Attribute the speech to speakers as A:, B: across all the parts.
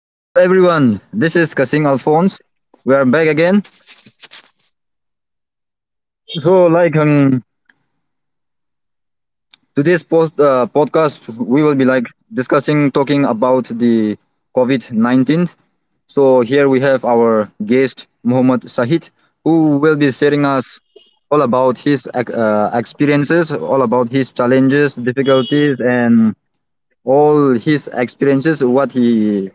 A: Hello everyone, this is Kasing Alphonse. We are back again. So like today's podcast, we will be like discussing, talking about the COVID-19. So here we have our guest, Muhammad Sahid, who will be sharing us all about his experiences, all about his challenges, difficulties, and all his experiences, what he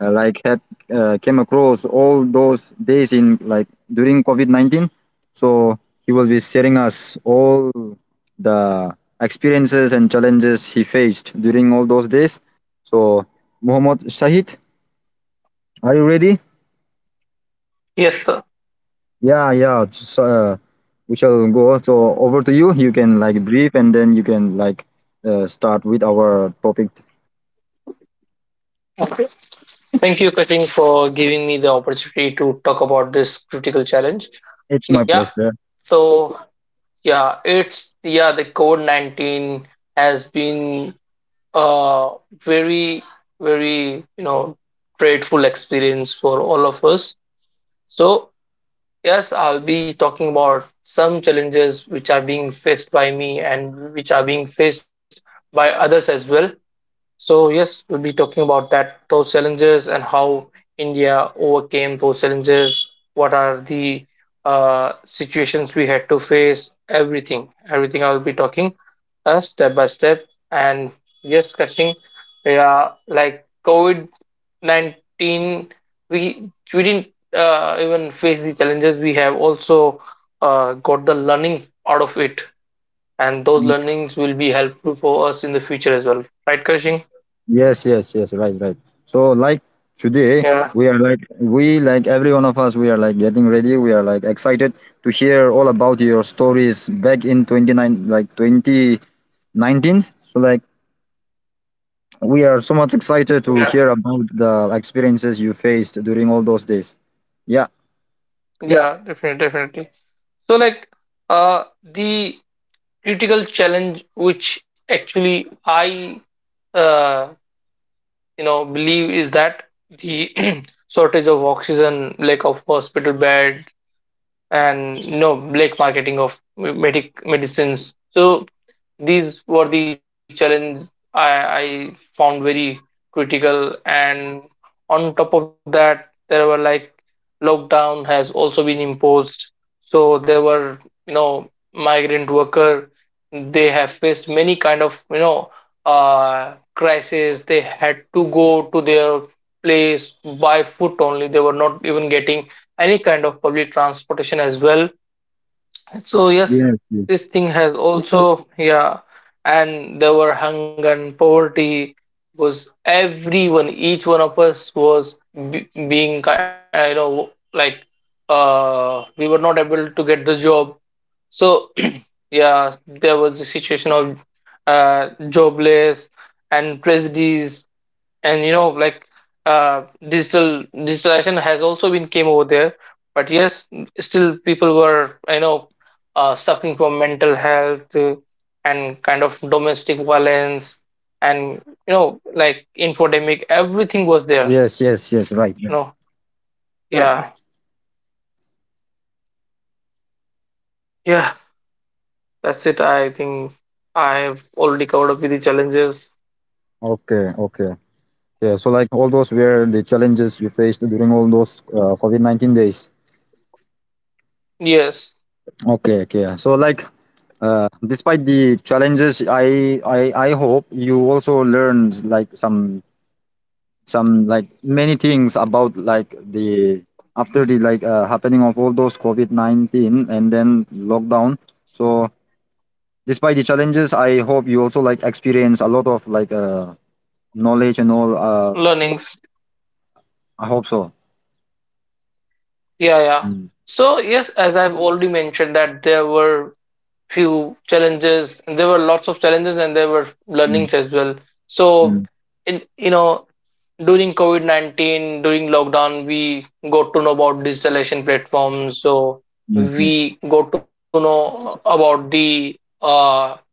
A: like had came across all those days in like during COVID-19. So he will be sharing us all the experiences and challenges he faced during all those days. So Muhammad Shahid, are you ready?
B: Yes, sir.
A: Yeah, yeah. Just, we shall go. So over to you. You can like brief, and then you can like start with our topic.
B: Thank you, Katrine, for giving me the opportunity to talk about this critical challenge.
A: It's my
B: Yeah,
A: pleasure.
B: so the COVID-19 has been a very, very, dreadful experience for all of us. So yes, I'll be talking about some challenges which are being faced by me and which are being faced by others as well. So yes, we'll be talking about that those challenges and how India overcame those challenges. What are the situations we had to face? Everything, everything. I will be talking step by step. And yes, Kashing, yeah, like COVID 19, we didn't even face the challenges. We have also got the learning out of it, and those learnings will be helpful for us in the future as well. Right, Kashing?
A: Yes, yes, yes, right, right. So like today
B: Yeah,
A: we are like we like every one of us we are like getting ready. We are like excited to hear all about your stories back in 29 like 2019. So like we are so much excited to
B: yeah,
A: hear about the experiences you faced during all those days. Yeah.
B: yeah, definitely, definitely. So, the critical challenge, which actually I, uh, believe is that the shortage of oxygen, lack of hospital beds, and you know black marketing of medicines. So these were the challenge I found very critical. And on top of that, there were, like, lockdown has also been imposed. So there were, you know, migrant worker, they have faced many kind of, you know, crisis. They had to go to their place by foot only. They were not even getting any kind of public transportation as well. So yes,
A: Yes, yes.
B: this thing has also, yeah, and there were hunger and poverty. Was everyone, each one of us was you know, like, we were not able to get the job. So yeah, there was a situation of jobless and prejudice. And you know, like, digitalization has also been came over there. But yes, still people were, you know, suffering from mental health, and kind of domestic violence, and you know, like, infodemic, everything was there,
A: Yes, yes, yes, right,
B: you
A: right.
B: know, right. Yeah, yeah, that's it. I think I've already covered up with the challenges.
A: Okay, okay. Yeah, so like all those were the challenges you faced during all those COVID-19 days.
B: Yes,
A: Okay, okay, yeah. So like despite the challenges, I hope you also learned like some like many things about like the after the like happening of all those COVID-19 and then lockdown. So despite the challenges, I hope you also like experience a lot of like knowledge and all.
B: learnings.
A: I hope so.
B: Yeah, yeah,
A: Mm,
B: so yes, as I've already mentioned, that there were few challenges and there were lots of challenges and there were
A: mm,
B: learnings as well. So
A: mm,
B: in, you know, during covid-19, during lockdown, we got to know about digitalization platforms. So
A: mm, mm.
B: we got to know about the uh,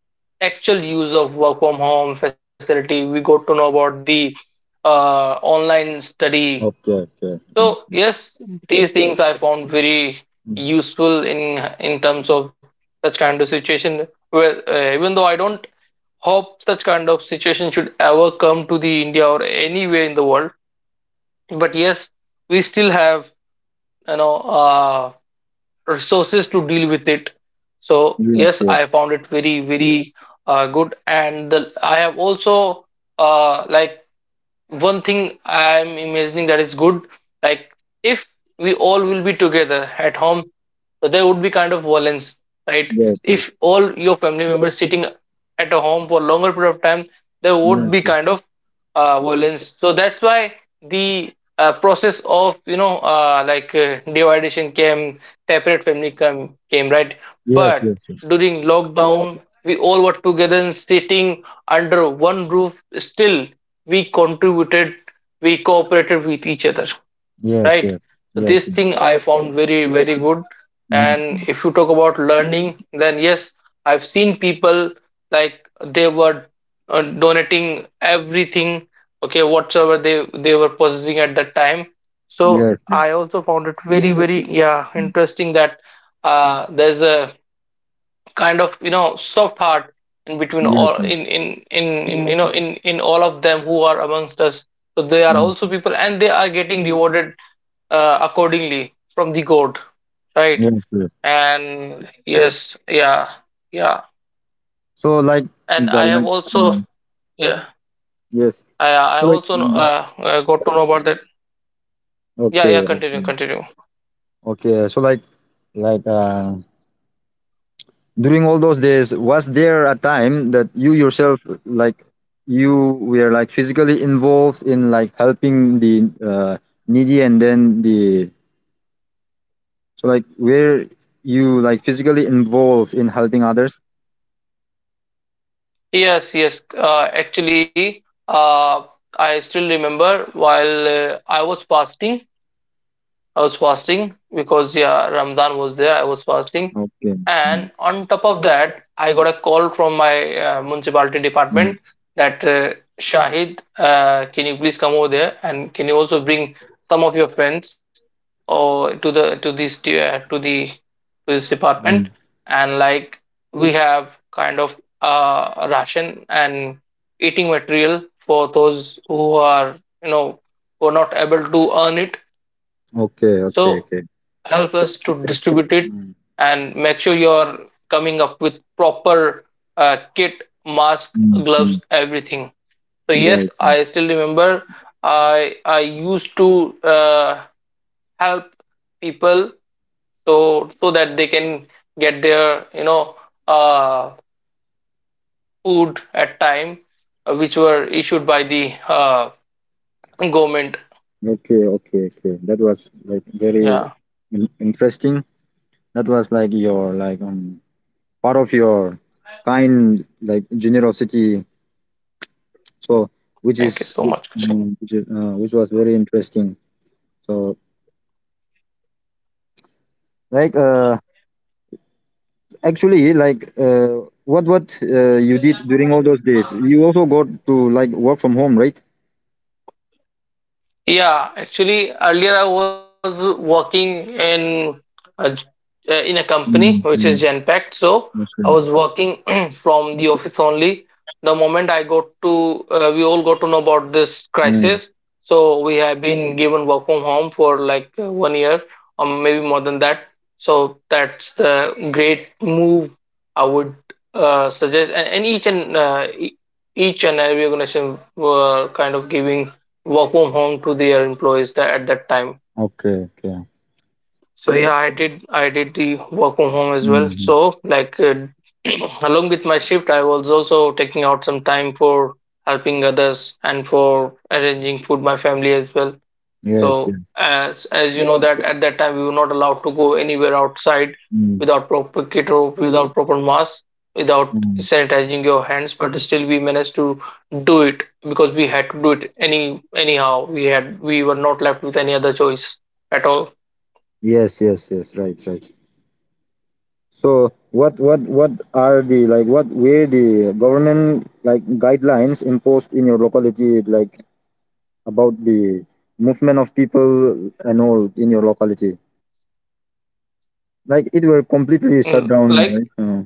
B: actual use of work from home facility. We got to know about the online study.
A: Okay, okay. Yes,
B: So
A: yes,
B: yes, these things I found very
A: mm.
B: useful in terms of such kind of situation. Well, even though I don't hope such kind of situation should ever come to the India or anywhere in the world, but yes, we still have, you know, uh, resources to deal with it. So
A: Yes,
B: yes,
A: yes,
B: I found it very very good, and the, I have also uh, like one thing I'm imagining that is good, like, if we all will be together at home, so there would be kind of violence, right?
A: yes,
B: If all your family members sitting at a home for longer period of time, there would
A: yes,
B: be
A: yes,
B: kind of violence. So that's why the process of, you know, dividation came, separate family came, right?
A: yes,
B: But
A: yes, yes.
B: during lockdown, we all were together and sitting under one roof. Still we contributed, we cooperated with each other,
A: Yes,
B: right?
A: yes,
B: So this
A: yes, yes.
B: thing I found very very good.
A: Mm,
B: And
A: mm.
B: if you talk about learning, then yes, I've seen people, like, they were donating everything, okay, whatsoever they were possessing at that time. So
A: Yes, yes,
B: I also found it very very, yeah,
A: mm,
B: interesting, that there's a kind of, you know, soft heart in between
A: yes,
B: all
A: yes,
B: in, in you know, in all of them who are amongst us. So they are
A: yes,
B: also people and they are getting rewarded accordingly from the god, right?
A: yes, yes, yes.
B: And yes, yeah, yeah,
A: So like
B: and
A: the
B: I have
A: like
B: also,
A: mm,
B: yeah,
A: yes,
B: I
A: so like
B: also
A: mm,
B: got to know about that. Yeah, yeah,
A: okay,
B: continue,
A: okay,
B: continue.
A: okay. So like like uh during all those days, was there a time that you yourself like you were like physically involved in like helping the needy and then the so like were you like physically involved in helping others?
B: Yes, yes, actually I still remember while I was fasting. I was fasting because yeah, Ramadan was there. I was fasting,
A: Okay.
B: and
A: Mm,
B: on top of that, I got a call from my municipality
A: mm,
B: department that Shahid, can you please come over there and can you also bring some of your friends or to the to the to this department,
A: mm.
B: and, like, we have kind of ration and eating material for those who are, you know, who are not able to earn it.
A: Okay, okay,
B: So
A: okay.
B: help us to distribute it
A: Mm,
B: and make sure you're coming up with proper kit, mask,
A: mm,
B: gloves,
A: mm.
B: everything. So yes,
A: Right, right.
B: I still remember I used to uh, help people, so so that they can get their, you know, uh, food at time, which were issued by the government.
A: Okay, okay, okay. That was like very
B: Yeah,
A: interesting. That was like your like part of your kind like generosity. So which
B: thank you
A: is
B: so much, Krishan.
A: mm, which is, which was very interesting. So like actually like what you did during all those days? You also got to like work from home, right?
B: Yeah, actually, earlier I was working in a, in a company which
A: Mm-hmm.
B: is Genpact. So I
A: Okay.
B: was working from the office only. The moment I got to, we all got to know about this
A: Mm,
B: crisis. So we have been given work from home for like 1 year or maybe more than that. So that's the great move I would suggest. And each and each and every organization were kind of giving work from home to their employees at that time.
A: okay. Okay.
B: So yeah, I did the work from home as well.
A: Mhm.
B: So like, along with my shift, I was also taking out some time for helping others and for arranging food my family as well.
A: Yes,
B: So
A: yes.
B: as you know that at that time we were not allowed to go anywhere outside
A: Mm,
B: without proper kit or without proper mask, without
A: mm.
B: sanitizing your hands, but still we managed to do it because we had to do it anyhow. We were not left with any other choice at all.
A: Yes, yes, yes. Right, right. So what are the like what were the government like guidelines imposed in your locality like about the movement of people and all in your locality? Like it were completely
B: Mm,
A: shut
B: like,
A: down, right? Uh,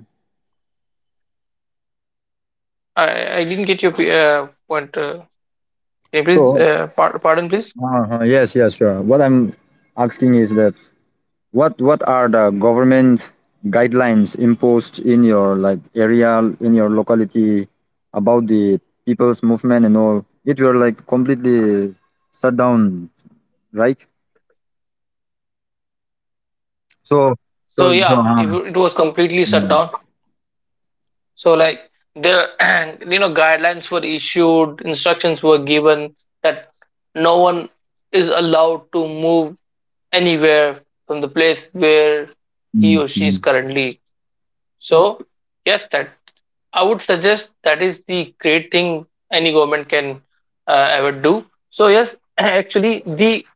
B: I didn't get your point. Can you please
A: so
B: pardon please?
A: uh, yes, yes, sure. What I'm asking is that what are the government guidelines imposed in your like area in your locality about the people's movement and all? It were like completely shut down, right? So so
B: So
A: so.
B: yeah,
A: Uh,
B: it was completely
A: mm,
B: shut down. So like, there you know, guidelines were issued, instructions were given that no one is allowed to move anywhere from the place where he
A: mm,
B: or she is
A: mm.
B: currently. So yes, that I would suggest that is the great thing any government can ever do. So yes, actually the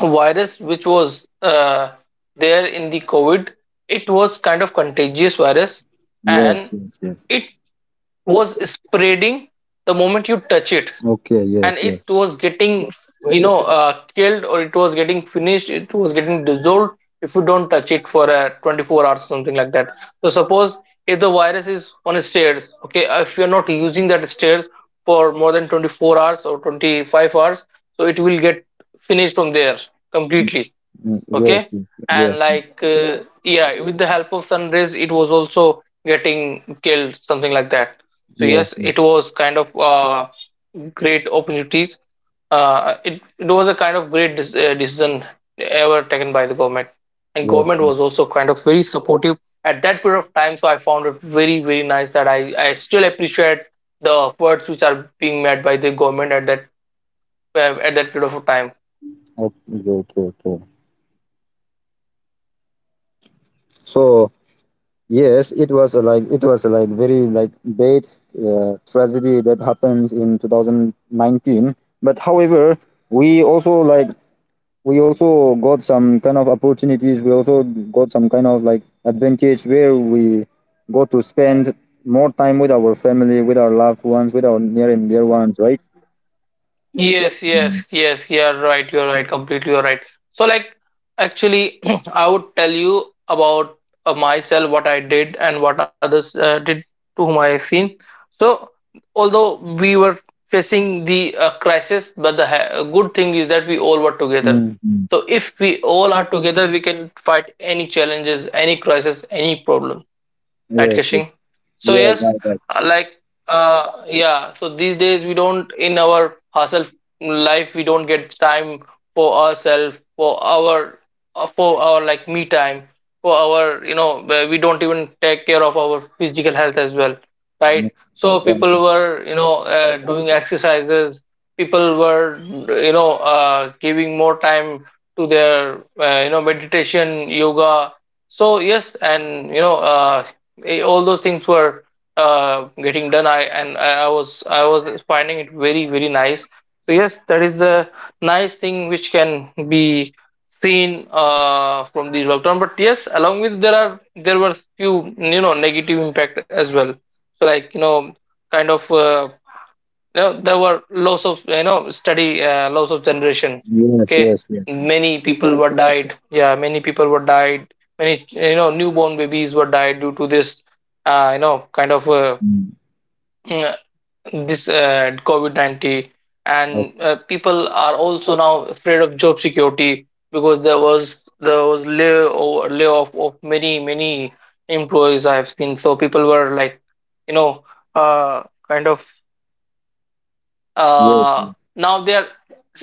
B: virus which was there in the COVID, it was kind of contagious virus,
A: Yes,
B: and
A: yes, yes.
B: it was spreading the moment you touch it.
A: Okay,
B: And
A: yes,
B: it
A: yes.
B: was getting, you know, killed, or it was getting finished, it was getting dissolved if you don't touch it for 24 hours, something like that. So suppose if the virus is on stairs, okay, if you're not using that stairs for more than 24 hours or 25 hours, so it will get finished from there
A: Mm,
B: completely.
A: mm.
B: Okay,
A: Yes, yes, yes,
B: and
A: yes,
B: like, yeah, with the help of sun rays, it was also getting killed, something like that. So
A: yes,
B: yes,
A: yes.
B: it was kind of great opportunities. It was a kind of great decision ever taken by the government, and government was also kind of very supportive at that period of time. So I found it very very nice that I still appreciate the efforts which are being made by the government at that period of time.
A: Okay, okay, okay. So yes, it was a, like it was a, like very like bad tragedy that happened in 2019. But however, we also like we also got some kind of opportunities. We also got some kind of like advantage where we got to spend more time with our family, with our loved ones, with our near and dear ones, right?
B: Yes,
A: Mm,
B: yes, yes, you're right, completely you're right. So, like, actually, I would tell you about myself, what I did, and what others did, to whom I seen. So, although we were facing the crisis, but the good thing is that we all were together.
A: mm, mm.
B: So, if we all are together, we can fight any challenges, any crisis, any problem. Right,
A: Yes, yes,
B: Kashing? So
A: yes,
B: yes,
A: right, right,
B: uh, like yeah, so these days we don't, in our hustle life, we don't get time for ourselves, for our like me time, for our, you know, where we don't even take care of our physical health as well,
A: yes,
B: right?
A: right,
B: So
A: right,
B: people
A: right.
B: were, you know, doing exercises, people were, you know, giving more time to their you know, meditation, yoga. So yes, and you know eh, all those things were getting done. I and i I was i was finding it very very nice. So yes, that is the nice thing which can be seen from the lockdown. But yes, along with, there were few negative impact as well. So kind of uh, there were loss of study, loss of generation.
A: Yes,
B: Okay,
A: yes, yes.
B: many people were died. Yeah, many people were died. Many, newborn babies were died due to this, uh, you know kind of uh,
A: Mm.
B: this COVID-19. And
A: Okay.
B: people are also now afraid of job security, because there was layoff of many many employees, I've seen. So people were you know uh, kind of
A: Yes,
B: uh,
A: yes.
B: now they are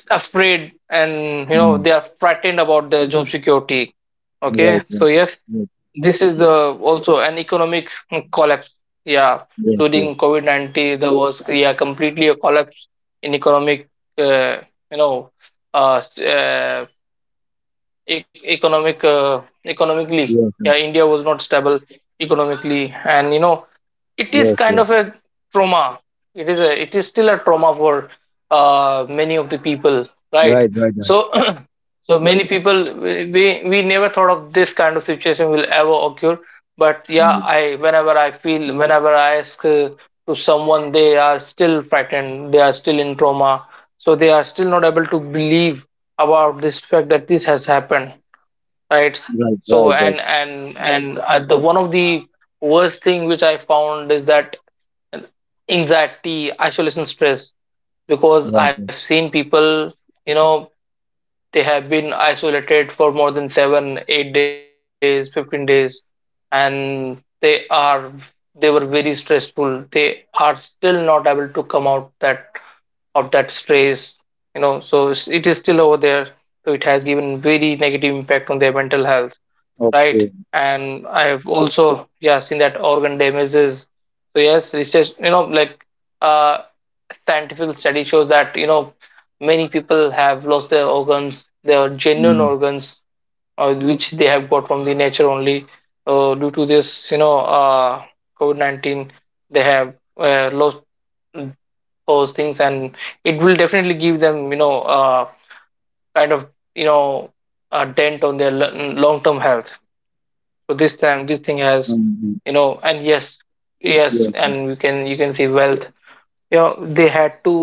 B: afraid, and they are frightened about their job security. Okay,
A: Right,
B: so
A: right.
B: yes,
A: Yes,
B: this is the also an economic collapse. Yeah,
A: yes,
B: during
A: yes,
B: COVID-19 there was, yeah, completely a collapse in economic, uh, you know s- e- economic economically.
A: yes, yes,
B: Yeah, India was not stable economically. And it is
A: yes,
B: kind
A: yes.
B: of a trauma. It is still a trauma for many of the people, right?
A: Right, right, right.
B: So many people, we never thought of this kind of situation will ever occur. But yeah,
A: Mm,
B: I whenever I feel whenever I ask, to someone, they are still frightened. They are still in trauma, so they are still not able to believe about this fact that this has happened, right?
A: right,
B: So,
A: right, right,
B: and the one of the worst thing which I found is that anxiety, isolation, stress, because
A: right,
B: I've
A: right.
B: seen people, you know they have been isolated for more than 7 8 days, 15 days. And are they were very stressful. They are still not able to come out that of that stress, so it is still over there. So it has given very negative impact on their mental health,
A: Okay.
B: right? And I've also, yeah, seen that organ damages. So yes, it's just, uh scientific study shows that, many people have lost their organs, their genuine
A: Mm,
B: organs, which they have got from the nature only. Due to this, COVID-19, they have lost those things. And it will definitely give them, kind of you know a dent on their long term health. So this thing
A: mm,
B: has,
A: mm.
B: and yes, yes,
A: Yes, yes,
B: and you can see wealth. They had to,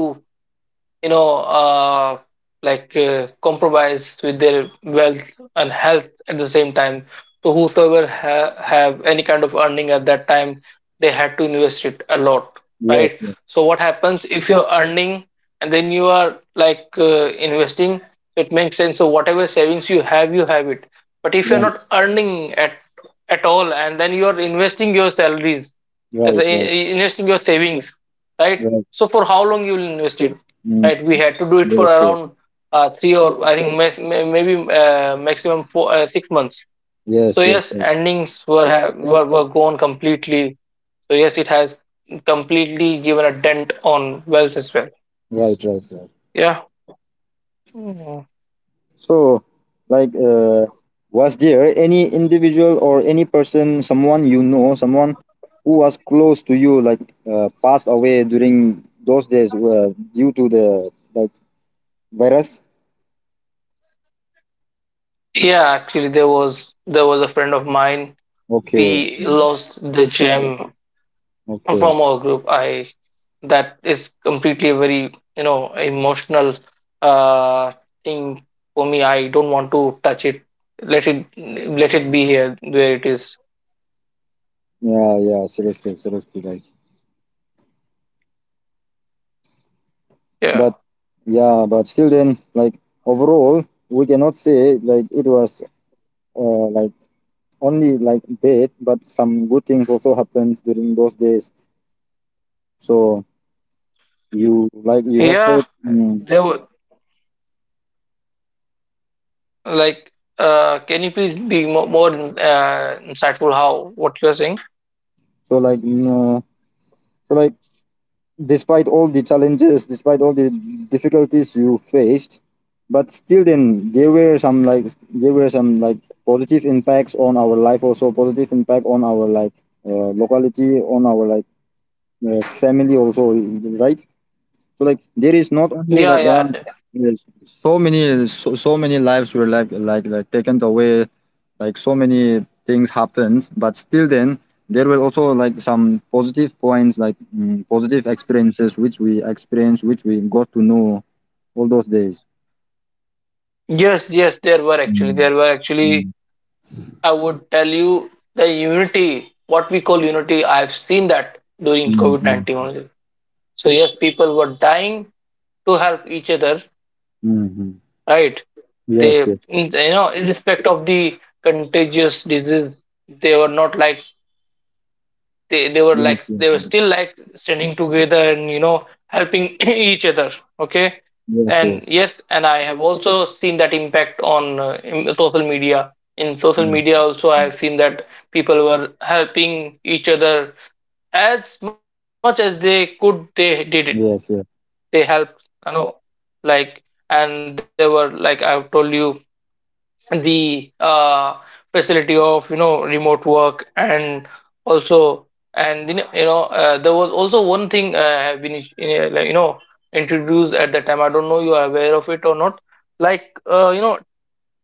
B: you know uh, compromise with their wealth and health at the same time. So whosoever have any kind of earning at that time, they had to invest it a lot,
A: yes,
B: right?
A: yes.
B: So what happens if you're earning, and then you are like, investing. So it makes sense. So whatever savings you have, you have it. But if you're
A: Right,
B: not earning at all, and then you're investing your salaries as
A: right, right,
B: a, investing your savings, right?
A: right.
B: So for how long you will invest it,
A: Mm,
B: right? We had to do it for
A: yes, yes,
B: around, three, or I think maybe maximum four, 6 months. So
A: yes, yes,
B: yes,
A: yes.
B: endings were were gone completely. So yes, it has completely given a dent on wealth as well.
A: Right, right, right.
B: Yeah,
A: So, like, was there any individual or any person, someone you know, someone who was close to you, like, passed away during those days, due to the like virus?
B: yeah. Actually, there was a friend of mine.
A: Okay,
B: We
A: okay,
B: lost the gem
A: okay.
B: from our group. I That is completely a very, emotional, uh thing for me. I don't want to touch it. let it Let it be here where it is.
A: Yeah, yeah, seriously, seriously, like, but
B: Yeah,
A: yeah, but still, then, like, overall, we cannot say like it was like only like bad, but some good things also happened during those days. So you like you have
B: yeah,
A: heard,
B: there were, like, can you please be more, insightful, how what you're saying?
A: mm, so like despite all the challenges, despite all the difficulties you faced, but still then there were some like there were some like positive impacts on our life, also positive impact on our like locality, on our like family also, right? So like there is not only
B: Yeah,
A: like
B: yeah,
A: yeah, there's so many, so, so many lives were like taken away, like so many things happened. But still, then there were also like some positive points, like mm, positive experiences which we experienced, which we got to know all those days.
B: yes, yes, there were, actually,
A: Mm,
B: there were actually,
A: mm,
B: I would tell you the unity, what we call unity, I've seen that during
A: mm,
B: COVID-19
A: yes.
B: only. So yes, people were dying to help each other,
A: Mm-hmm.
B: right? They,
A: Yes, yes,
B: you know, irrespective of the contagious disease, they were not like they were
A: yes,
B: like
A: yes,
B: they were still like standing together, and helping each other. Okay,
A: yes, yes,
B: and
A: yes,
B: yes, and I have also seen that impact on in social media. In social
A: yes,
B: media, also I have seen that people were helping each other as much as they could. They did it.
A: yes, yes.
B: They helped, like and they were like, I've told you the facility of, remote work. And also, and, there was also one thing have been uh, like, you know introduced at the time. I don't know you are aware of it or not, like uh, you know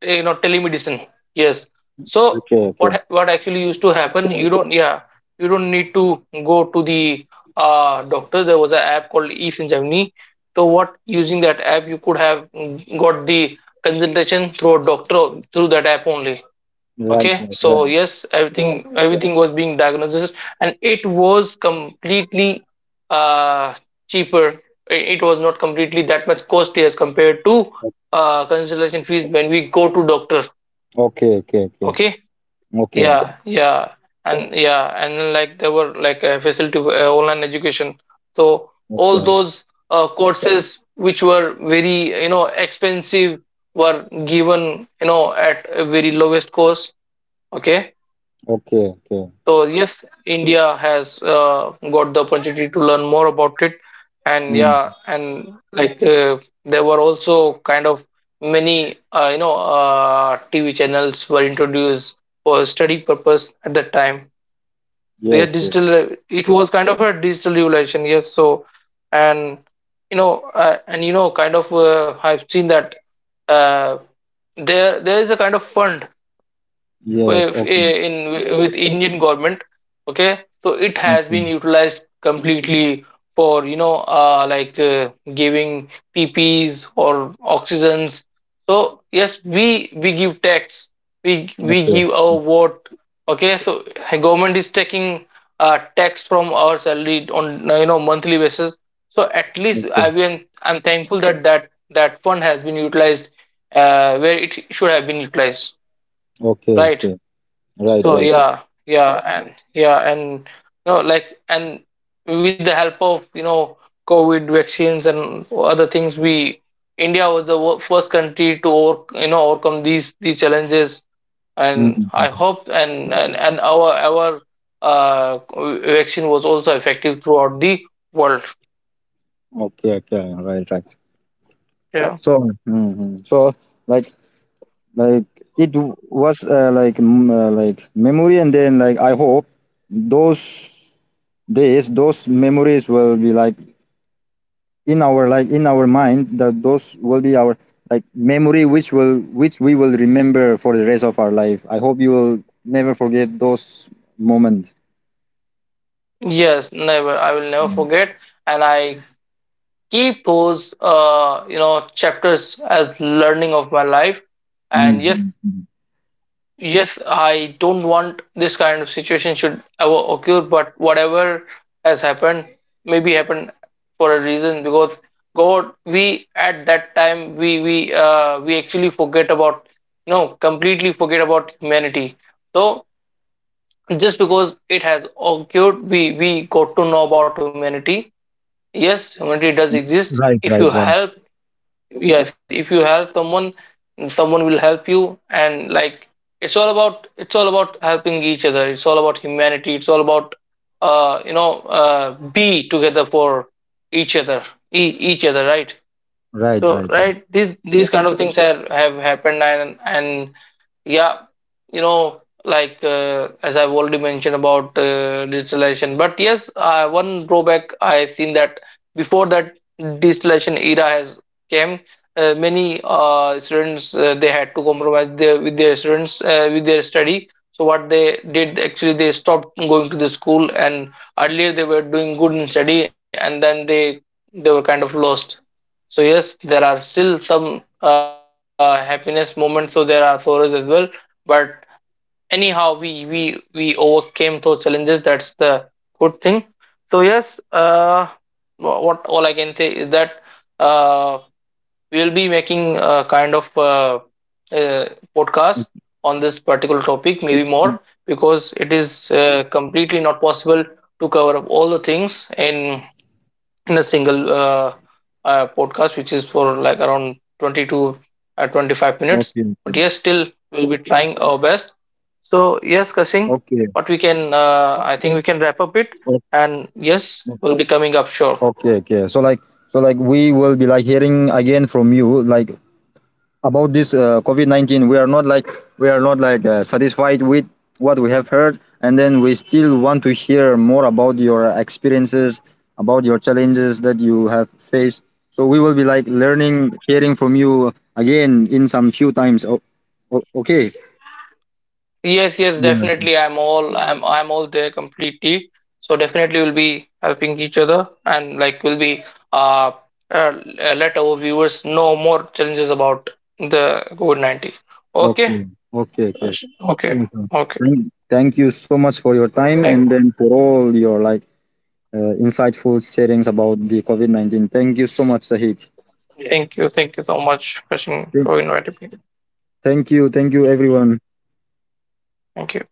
B: telemedicine. Yes, so
A: Okay, okay.
B: what actually used to happen, you don't. Yeah, you don't need to go to the doctor. There was an app called eSanjeevani. So what using that app, you could have, mm, got the consultation through a doctor, through that app only.
A: Right,
B: Okay,
A: right,
B: so
A: right.
B: yes, everything was being diagnosed, and it was completely uh cheaper. It was not completely that much costly as compared to consultation fees when we go to doctor.
A: Okay, okay, okay,
B: Okay,
A: okay,
B: yeah, yeah. And yeah, and then, like, there were like a facility, online education. So all
A: okay.
B: those, courses which were very, expensive, were given, at a very lowest cost. Okay,
A: Okay, okay.
B: so yes, India has, got the opportunity to learn more about it. And yeah,
A: Mm.
B: and like, there were also kind of many, TV channels were introduced for study purpose at that time. So yeah,
A: Yes, yes.
B: it was kind of a digital revolution. Yes, so, and and I've seen that, uh, there is a kind of fund, uh,
A: Yes, okay.
B: in with Indian government. Okay, so it has
A: Okay,
B: been utilized completely for, giving PPs or oxygens. So yes, we give tax. We
A: okay,
B: give our vote. Okay, so government is taking, tax from our salary on, monthly basis. So at least
A: okay.
B: I'm thankful that that fund has been utilized, where it should have been utilized,
A: Okay,
B: right?
A: okay. Right,
B: So,
A: right.
B: yeah, yeah, yeah, yeah, and yeah, and and with the help of, COVID vaccines and other things, we India was the first country to overcome these challenges. And I
A: Mm.
B: hope, and our uh, vaccine was also effective throughout the world.
A: Okay, okay. Right, right.
B: Yeah, yeah.
A: So, hmm, so like, like it was like mm, like memory, and then like I hope those days, those memories will be like in our mind, that those will be our like memory which will, which we will remember for the rest of our life. I hope you will never forget those moments.
B: Yes, never. I will never forget. And I keep those, chapters as learning of my life. And yes.
A: Mm-hmm.
B: Yes, I don't want this kind of situation should ever occur. But whatever has happened, maybe happened for a reason, because God, we at that time we actually forget about. No, completely forget about humanity. So just because it has occurred, we got to know about humanity. Yes, humanity does exist.
A: Right, right, right,
B: If you help someone, someone will help you. And like, it's all about helping each other. It's all about humanity. It's all about, be together for each other, each other, right?
A: right,
B: So,
A: right, right.
B: right, these kind of things have happened. And yeah, as I've already mentioned about, digitalization. But yes, one drawback I've seen that before that digitalization era has came, many students, they had to compromise their with their students with their study. So what they did actually, they stopped going to the school. And earlier they were doing good in study, and then they were kind of lost. So yes, there are still some, happiness moments, so there are sorrows as well. But anyhow, we overcame those challenges. That's the good thing. So yes, what all I can say is that, uh we'll be making a kind of, uh podcast on this particular topic, maybe
A: Mhm.
B: more. Because it is, completely not possible to cover up all the things in a single, podcast, which is for like around 20 to, 25 minutes.
A: Okay, okay,
B: But yes, still we'll be trying our best. So yes, Kasing,
A: okay,
B: I think we can wrap up it,
A: o-
B: and yes, we'll be coming up sure.
A: okay, okay, so like we will be like hearing again from you like about this COVID-19. We are not like we are not like satisfied with what we have heard, and then we still want to hear more about your experiences, about your challenges that you have faced. So we will be like learning, hearing from you again in some few times. Okay.
B: Yes, yes,
A: Yeah.
B: definitely. I'm all there completely. So definitely we'll be helping each other, and like we'll be, uh, uh let our viewers know more challenges about the COVID-19. Okay.
A: Okay. Okay.
B: Uh,
A: Okay.
B: Okay.
A: Sure, sure.
B: Okay.
A: Thank, thank you so much for your time
B: Thank,
A: and then for all your like insightful settings about the COVID-19. Thank you so much, Sahid.
B: thank you. Thank you so much, Kashin, for inviting me.
A: Thank you. Thank you, everyone.
B: Thank you.